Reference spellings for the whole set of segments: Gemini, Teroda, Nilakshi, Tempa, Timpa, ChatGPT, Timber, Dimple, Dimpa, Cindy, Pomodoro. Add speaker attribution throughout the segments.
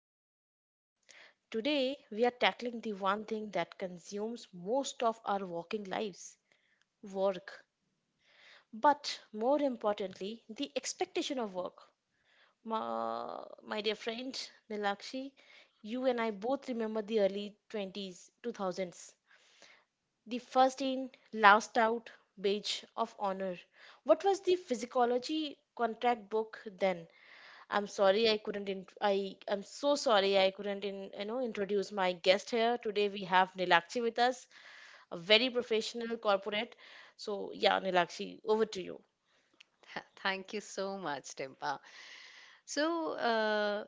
Speaker 1: to the show. Today, we are tackling the one thing that consumes most of our working lives: work. But more importantly, the expectation of work. My dear friend Nilakshi, you and I both remember the early 20s, 2000s. The first in, last out badge of honor. What was the physiology contract book then? I'm sorry I couldn't I'm so sorry I couldn't in, you know introduce my guest here. Today we have Nilakshi with us, a very professional corporate. So yeah, Nilakshi, over to you.
Speaker 2: Thank you so much, Dimpa. So uh,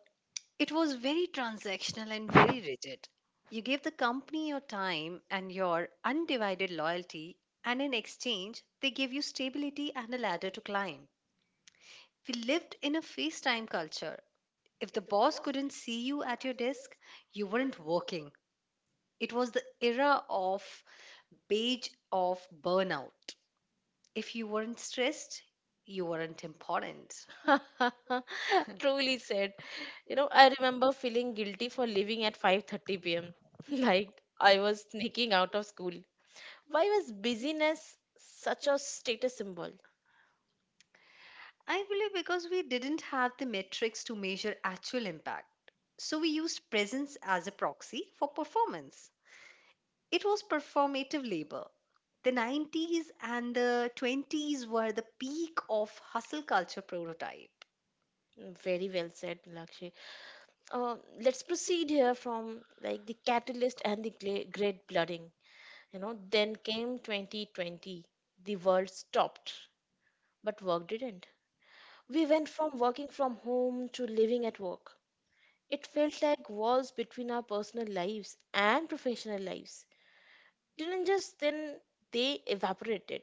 Speaker 2: it was very transactional and very rigid. You gave the company your time and your undivided loyalty, and in exchange, they gave you stability and a ladder to climb. We lived in a FaceTime culture. If the boss couldn't see you at your desk, you weren't working. It was the era of beige of burnout. If you weren't stressed, you weren't important.
Speaker 1: Truly said. You know, I remember feeling guilty for leaving at 5:30 p.m. like I was sneaking out of school. Why was busyness such a status symbol?
Speaker 2: I believe because we didn't have the metrics to measure actual impact. So we used presence as a proxy for performance. It was performative labor. The 90s and the 20s were the peak of hustle culture prototype.
Speaker 1: Mm, very well said, Nilakshi. uh, let's proceed here from like the catalyst and the great flooding. You know, then came 2020. The world stopped, but work didn't. We went from working from home to living at work. It felt like walls between our personal lives and professional lives didn't just then, they evaporated.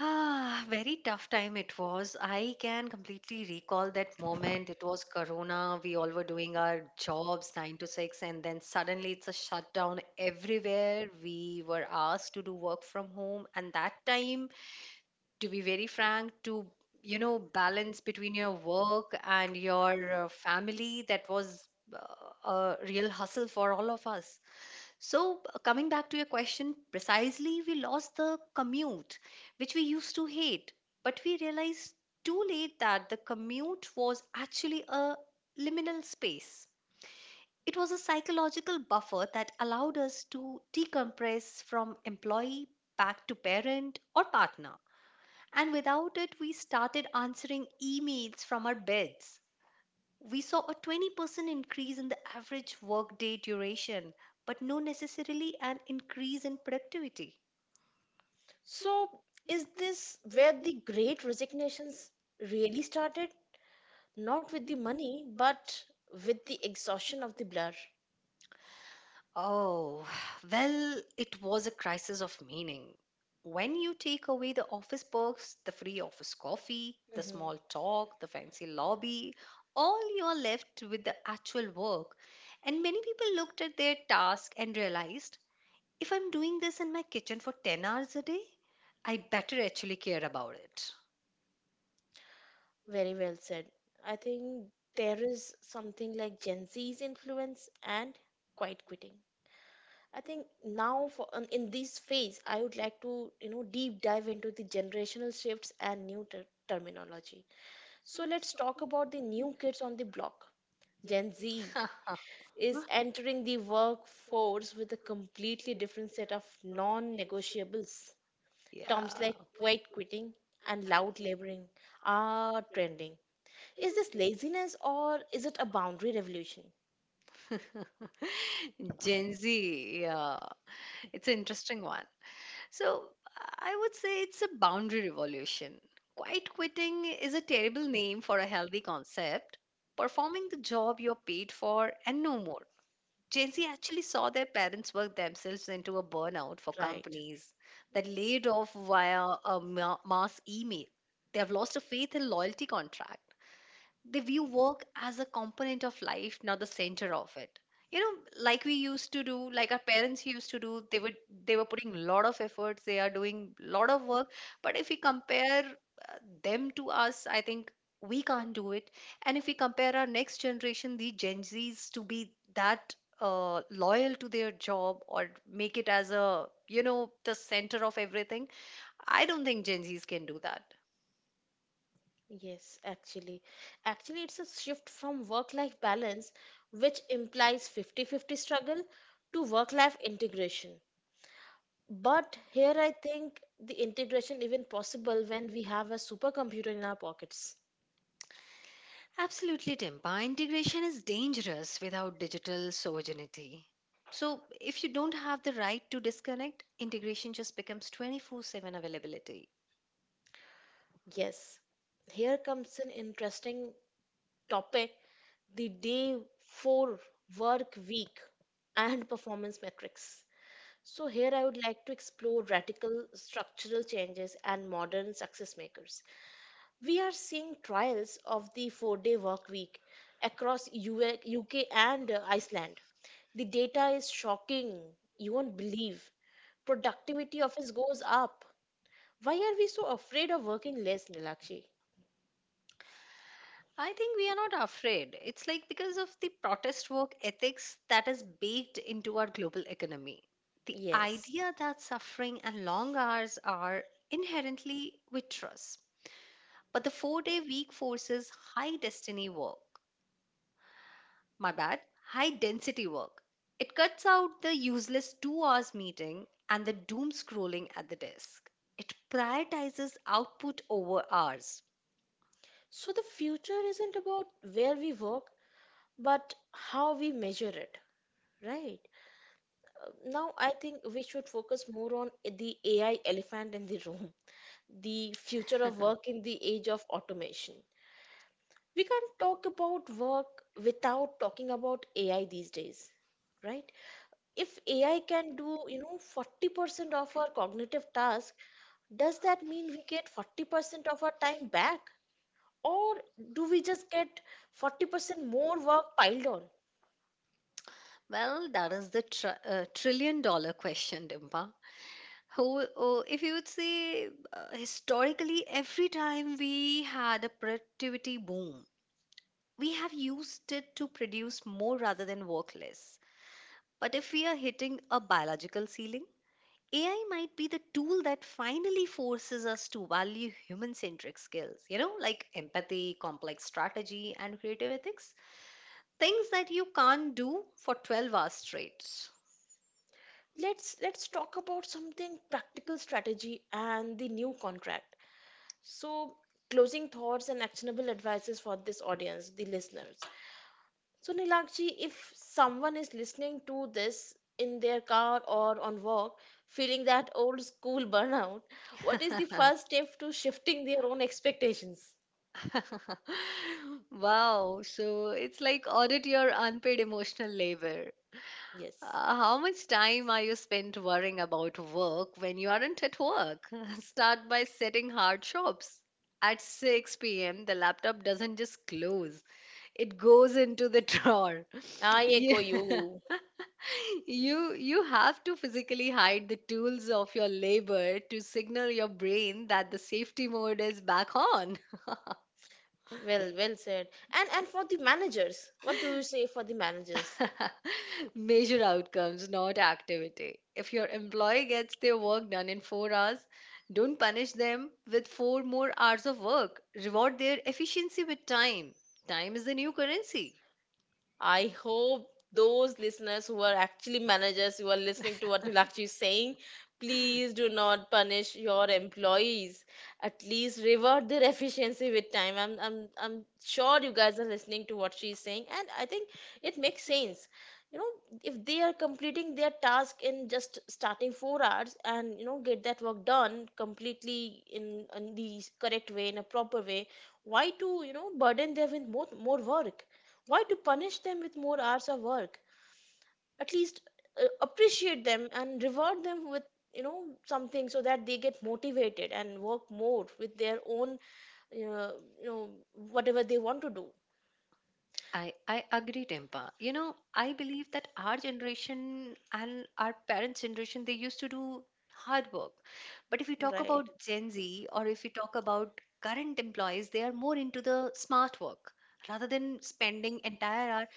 Speaker 2: Ah, very tough time it was. I can completely recall that moment. It was Corona. We all were doing our jobs 9 to 6, and then suddenly it's a shutdown everywhere. We were asked to do work from home. And that time, to be very frank, to balance between your work and your family, that was a real hustle for all of us. So, coming back to your question, precisely we lost the commute, which we used to hate, but we realized too late that the commute was actually a liminal space. It was a psychological buffer that allowed us to decompress from employee back to parent or partner. And without it, we started answering emails from our beds. We saw a 20% increase in the average workday duration, but no necessarily an increase in productivity.
Speaker 1: So, is this where the great resignations really started? Not with the money, but with the exhaustion of the blur.
Speaker 2: Oh, well, it was a crisis of meaning. When you take away the office perks, the free office coffee, the
Speaker 1: Mhm.
Speaker 2: small talk, the fancy lobby, all you are left with the actual work. And many people looked at their task and realized if I'm doing this in my kitchen for 10 hours a day, I better actually care about it.
Speaker 1: Very well said. I think there is something like Gen Z's influence and quiet quitting. I think now for in this phase, I would like to you know deep dive into the generational shifts and new terminology. So let's talk about the new kids on the block. Gen Z is entering the workforce with a completely different set of non-negotiables. Terms
Speaker 2: Yeah.
Speaker 1: like quiet quitting and loud laboring are trending. Is this laziness or is it a boundary revolution?
Speaker 2: Gen Z, yeah. It's an interesting one. So I would say it's a boundary revolution. Quiet quitting is a terrible name for a healthy concept. Performing the job you're paid for and no more. Gen Z actually saw their parents work themselves into a burnout for
Speaker 1: Right.
Speaker 2: companies that laid off via a mass email. They have lost a faith and loyalty contract. They view work as a component of life, not the center of it. You know, like we used to do, like our parents used to do, they would they were putting a lot of efforts, they are doing a lot of work. But if we compare them to us, I think we can't do it. And if we compare our next generation, the Gen Zs, to be that loyal to their job or make it as a the center of everything, I don't think Gen Zs can do that.
Speaker 1: Yes, actually. Actually, it's a shift from work-life balance, which implies 50-50 struggle, to work-life integration. But here I think the integration even possible when we have a supercomputer in our pockets.
Speaker 2: Absolutely, Dimpa. Integration is dangerous without digital sovereignty. So, if you don't have the right to disconnect, integration just becomes 24/7 availability.
Speaker 1: Yes. Here comes an interesting topic: the day four work week and performance metrics. So, here I would like to explore radical structural changes and modern success makers. We are seeing trials of the 4 day work week across UA, UK, and Iceland. The data is shocking. You won't believe. Productivity of us goes up. Why are we so afraid of working less, Nilakshi?
Speaker 2: I think we are not afraid. It's like because of the protest work ethics that is baked into our global economy. The
Speaker 1: Yes.
Speaker 2: idea that suffering and long hours are inherently with trust. But the 4 day week forces high destiny work, my bad, high density work. It cuts out the useless 2 hours meeting and the doom scrolling at the desk. It prioritizes output over hours.
Speaker 1: So the future isn't about where we work, but how we measure it, right? Now, I think we should focus more on the AI elephant in the room, the future of work in the age of automation. We can't talk about work without talking about AI these days, right? If AI can do, you know, 40% of our cognitive task, does that mean we get 40% of our time back? Or do we just get 40% more work piled on?
Speaker 2: Well, that is the trillion dollar question, Dimpa. Who, oh, if you would say historically, every time we had a productivity boom, we have used it to produce more rather than work less. But if we are hitting a biological ceiling, AI might be the tool that finally forces us to value human centric skills, you know, like empathy, complex strategy, and creative ethics. Things that you can't do for 12 hours straight.
Speaker 1: Let's talk about something practical: strategy and the new contract. So, closing thoughts and actionable advices for this audience, the listeners. So Nilakji, if someone is listening to this in their car or on work, feeling that old school burnout, what is the first step to shifting their own expectations?
Speaker 2: Wow, so it's like audit your unpaid emotional labor.
Speaker 1: Yes.
Speaker 2: How much time are you spent worrying about work when you aren't at work? Start by setting hard stops. At 6 p.m., the laptop doesn't just close, it goes into the drawer.
Speaker 1: Ah, I
Speaker 2: Yeah.
Speaker 1: echo you.
Speaker 2: You have to physically hide the tools of your labor to signal your brain that the safety mode is back on.
Speaker 1: Well, well said. And for the managers, what do you say for the managers?
Speaker 2: Measure outcomes, not activity. If your employee gets their work done in 4 hours, don't punish them with 4 more hours of work. Reward their efficiency with time. Time is the new currency.
Speaker 1: I hope those listeners who are actually managers who are listening to what Nilakshi is saying, please do not punish your employees. At least reward their efficiency with time. I'm sure you guys are listening to what she's saying, and I think it makes sense. You know, if they are completing their task in just starting 4 hours and you know get that work done completely in the correct way, in a proper way, why to you know burden them with more work? Why to punish them with more hours of work? At least appreciate them and reward them with you know something so that they get motivated and work more with their own uh, you know whatever they want to do.
Speaker 2: I agree, Tempa. You know, I believe that our generation and our parents' generation, they used to do hard work. But if you talk
Speaker 1: Right.
Speaker 2: about Gen Z or if you talk about current employees, they are more into the smart work rather than spending entire hour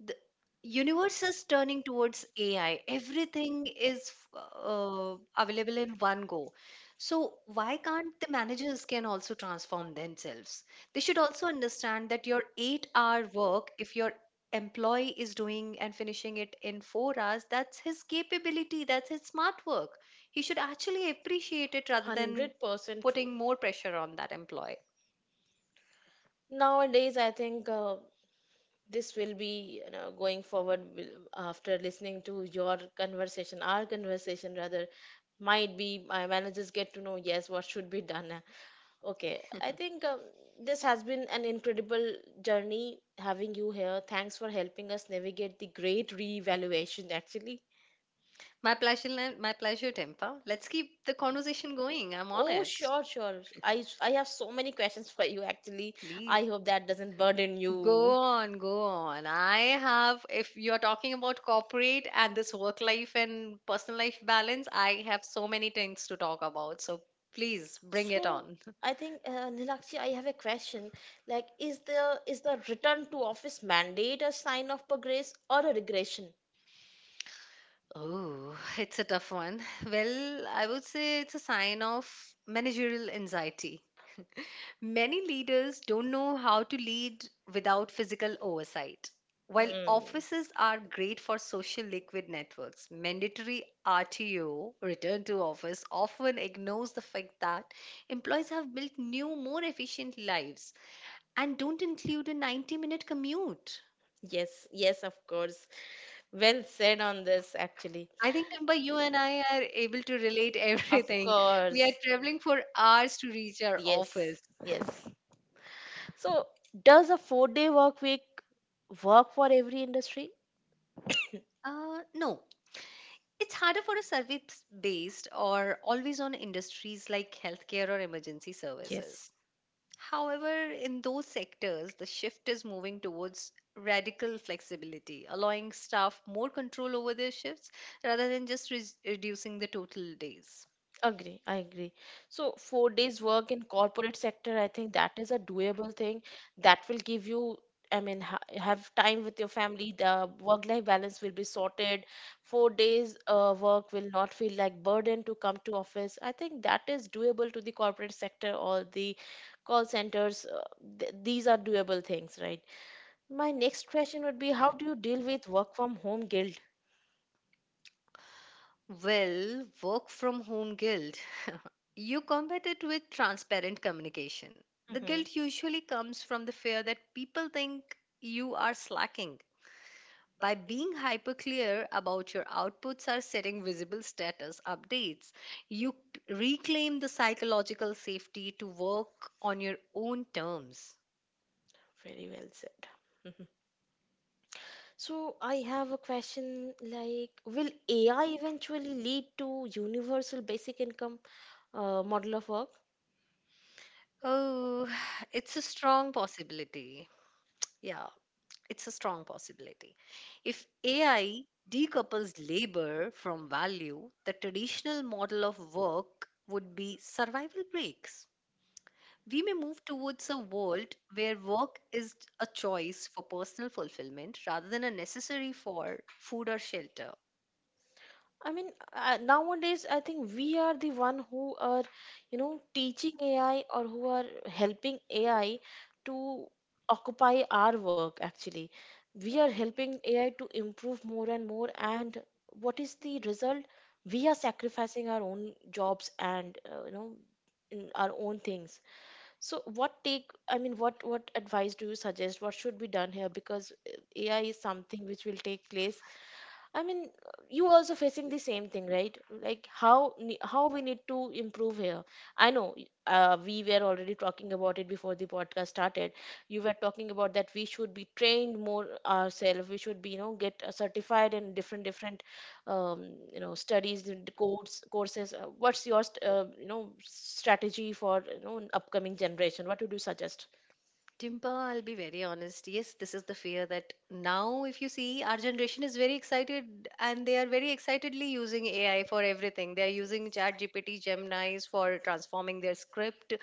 Speaker 2: the universe is turning towards AI. Everything is available in one go. So why can't the managers can also transform themselves? They should also understand that your 8-hour work, if your employee is doing and finishing it in 4 hours, that's his capability. That's his smart work. He should actually appreciate it rather than
Speaker 1: 100% true.
Speaker 2: putting more pressure on that employee.
Speaker 1: Nowadays, I think this will be you know, going forward after listening to your conversation, our conversation rather, might be my managers get to know yes what should be done. Okay, I think this has been an incredible journey having you here. Thanks for helping us navigate the great reevaluation, actually.
Speaker 2: My pleasure, my pleasure, Tempa. Let's keep the conversation going. I'm on
Speaker 1: Oh,
Speaker 2: it.
Speaker 1: sure, sure. I have so many questions for you, actually.
Speaker 2: Please.
Speaker 1: I hope that doesn't burden
Speaker 2: Go
Speaker 1: you.
Speaker 2: on, go on. I have, if you're talking about corporate and this work life and personal life balance, I have so many things to talk about. So please bring it
Speaker 1: So,
Speaker 2: on.
Speaker 1: I think Nilakshi, I have a question. Like, is the return to office mandate a sign of progress or a regression?
Speaker 2: Oh, it's a tough one. Well, I would say it's a sign of managerial anxiety. Many leaders don't know how to lead without physical oversight. While
Speaker 1: Mm.
Speaker 2: offices are great for social liquid networks, mandatory RTO, return to office, often ignores the fact that employees have built new, more efficient lives and don't include a 90-minute commute.
Speaker 1: Yes, yes, of course. Well said on this, actually.
Speaker 2: I think, Timber, you and I are able to relate
Speaker 1: Of
Speaker 2: everything. We
Speaker 1: course.
Speaker 2: are traveling for hours to reach our
Speaker 1: Yes,
Speaker 2: office.
Speaker 1: yes. So, does a four-day work week work for every industry?
Speaker 2: No, it's harder for a service based or always on industries like healthcare or emergency
Speaker 1: Yes.
Speaker 2: services. However, in those sectors, the shift is moving towards radical flexibility, allowing staff more control over their shifts rather than just reducing the total days.
Speaker 1: Agree, I agree. So 4 days work in corporate sector, I think that is a doable thing that will give you, I mean, ha have time with your family. The work-life balance will be sorted. 4 days work will not feel like burden to come to office. I think that is doable to the corporate sector or the call centers. Th These are doable things, right? My next question would be, how do you deal with work from home guilt?
Speaker 2: Well, work from home guilt. you combat it with transparent communication. The
Speaker 1: Mhm.
Speaker 2: guilt usually comes from the fear that people think you are slacking. By being hyper clear about your outputs are setting visible status updates, you reclaim the psychological safety to work on your own terms.
Speaker 1: Very well said. Hmm. So I have a question like, will AI eventually lead to universal basic income model of work?
Speaker 2: Oh, it's a strong possibility. Yeah, it's a strong possibility. If AI decouples labor from value, the traditional model of work would be survival breaks. We may move towards a world where work is a choice for personal fulfillment rather than a necessary for food or shelter.
Speaker 1: I mean, nowadays I think we are the one who are, you know, teaching AI or who are helping AI to occupy our work actually. We are helping AI to improve more and more, and what is the result? We are sacrificing our own jobs and, you know, in our own things. So what take, I mean, what advice do you suggest? What should be done here? Because AI is something which will take place. I mean, you also facing the same thing, right? Like how we need to improve here. I know we were already talking about it before the podcast started. You were talking about that we should be trained more ourselves. We should be, you know, get certified in different different, you know, studies, the courses. What's your, you know, strategy for you know upcoming generation? What would you suggest?
Speaker 2: Dimple, I'll be very honest. Yes, this is the fear that now, if you see, our generation is very excited and they are very excitedly using AI for everything. They are using ChatGPT, Gemini's for transforming their script,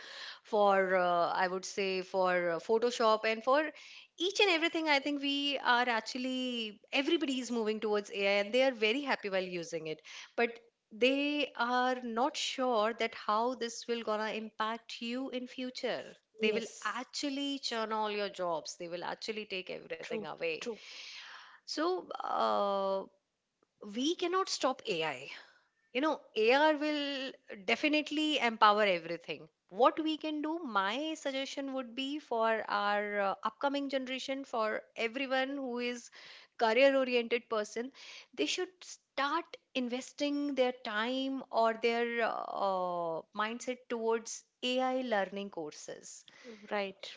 Speaker 2: for, I would say, for Photoshop, and for each and everything. I think we are actually, everybody is moving towards AI and they are very happy while using it. But they are not sure that how this will gonna impact you in future, they will
Speaker 1: Yes,
Speaker 2: actually churn all your jobs, they will actually take
Speaker 1: true,
Speaker 2: everything away.
Speaker 1: true.
Speaker 2: So we cannot stop AI. You know, AI will definitely empower everything. What we can do, my suggestion would be for our upcoming generation, for everyone who is career oriented person, they should start investing their time or their mindset towards AI learning courses.
Speaker 1: Right.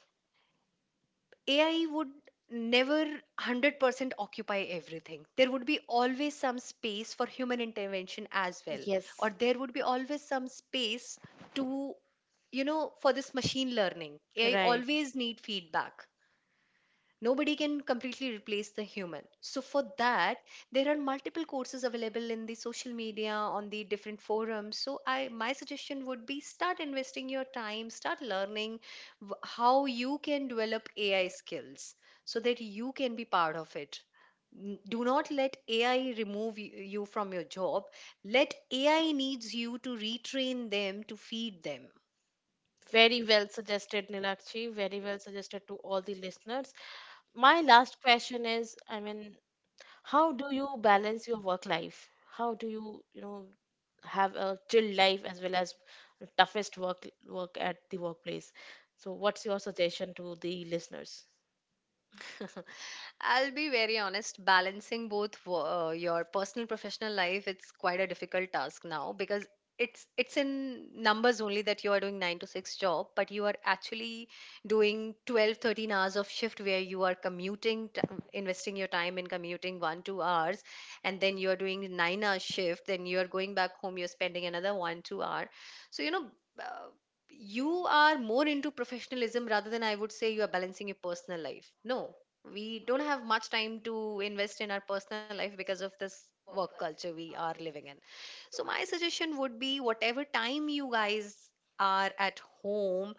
Speaker 2: AI would never 100% occupy everything. There would be always some space for human intervention as well, or
Speaker 1: Yes.
Speaker 2: there would be always some space to, you know, for this machine learning. AI
Speaker 1: Right.
Speaker 2: always need feedback. Nobody can completely replace the human, so for that there are multiple courses available in the social media on the different forums. So I, my suggestion would be, start investing your time, start learning how you can develop AI skills so that you can be part of it. Do not let AI remove you from your job. Let AI needs you to retrain them, to feed them.
Speaker 1: Very well suggested, Nilakshi. Very well suggested to all the listeners. My last question is, I mean, how do you balance your work life? How do you, you know, have a chill life as well as toughest work at the workplace? So, what's your suggestion to the listeners?
Speaker 2: I'll be very honest, balancing both your personal professional life, it's quite a difficult task now because it's in numbers only that you are doing 9 to 6 job but you are actually doing 12-13 hours of shift, where you are commuting investing your time in commuting 1-2 hours, and then you are doing 9-hour shift, then you are going back home, you're spending another 1-2 hour. So you know, uh, you are more into professionalism rather than I would say you are balancing your personal life. No, we don't have much time to invest in our personal life because of this work culture we are living in. So, my suggestion would be, whatever time you guys are at home,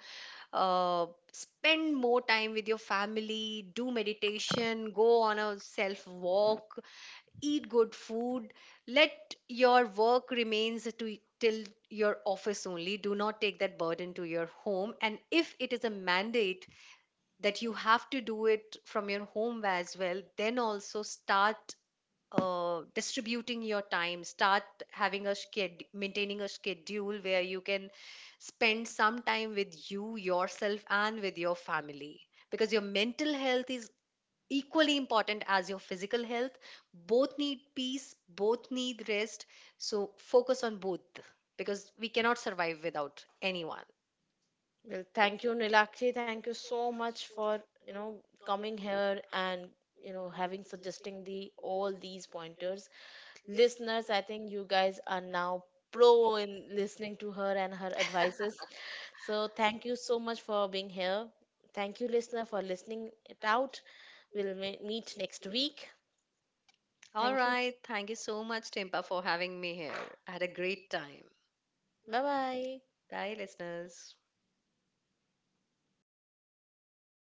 Speaker 2: spend more time with your family, do meditation, go on a self walk, eat good food, let your work remains to till your office only. Do not take that burden to your home, and if it is a mandate that you have to do it from your home as well, then also start distributing your time, start having a schedule, maintaining a schedule where you can spend some time with you yourself and with your family, because your mental health is equally important as your physical health. Both need peace, both need rest, so focus on both because we cannot survive without anyone.
Speaker 1: Well, thank you, Nilakshi. Thank you so much for, you know, coming here and, you know, having suggesting the all these pointers. Listeners, I think you guys are now pro in listening to her and her advices. So thank you so much for being here. Thank you, listener, for listening it out. We'll meet next week.
Speaker 2: All
Speaker 1: Thank you.
Speaker 2: right. Thank you so much, Timpa, for having me here. I had a great time.
Speaker 1: Bye bye.
Speaker 2: Bye, listeners.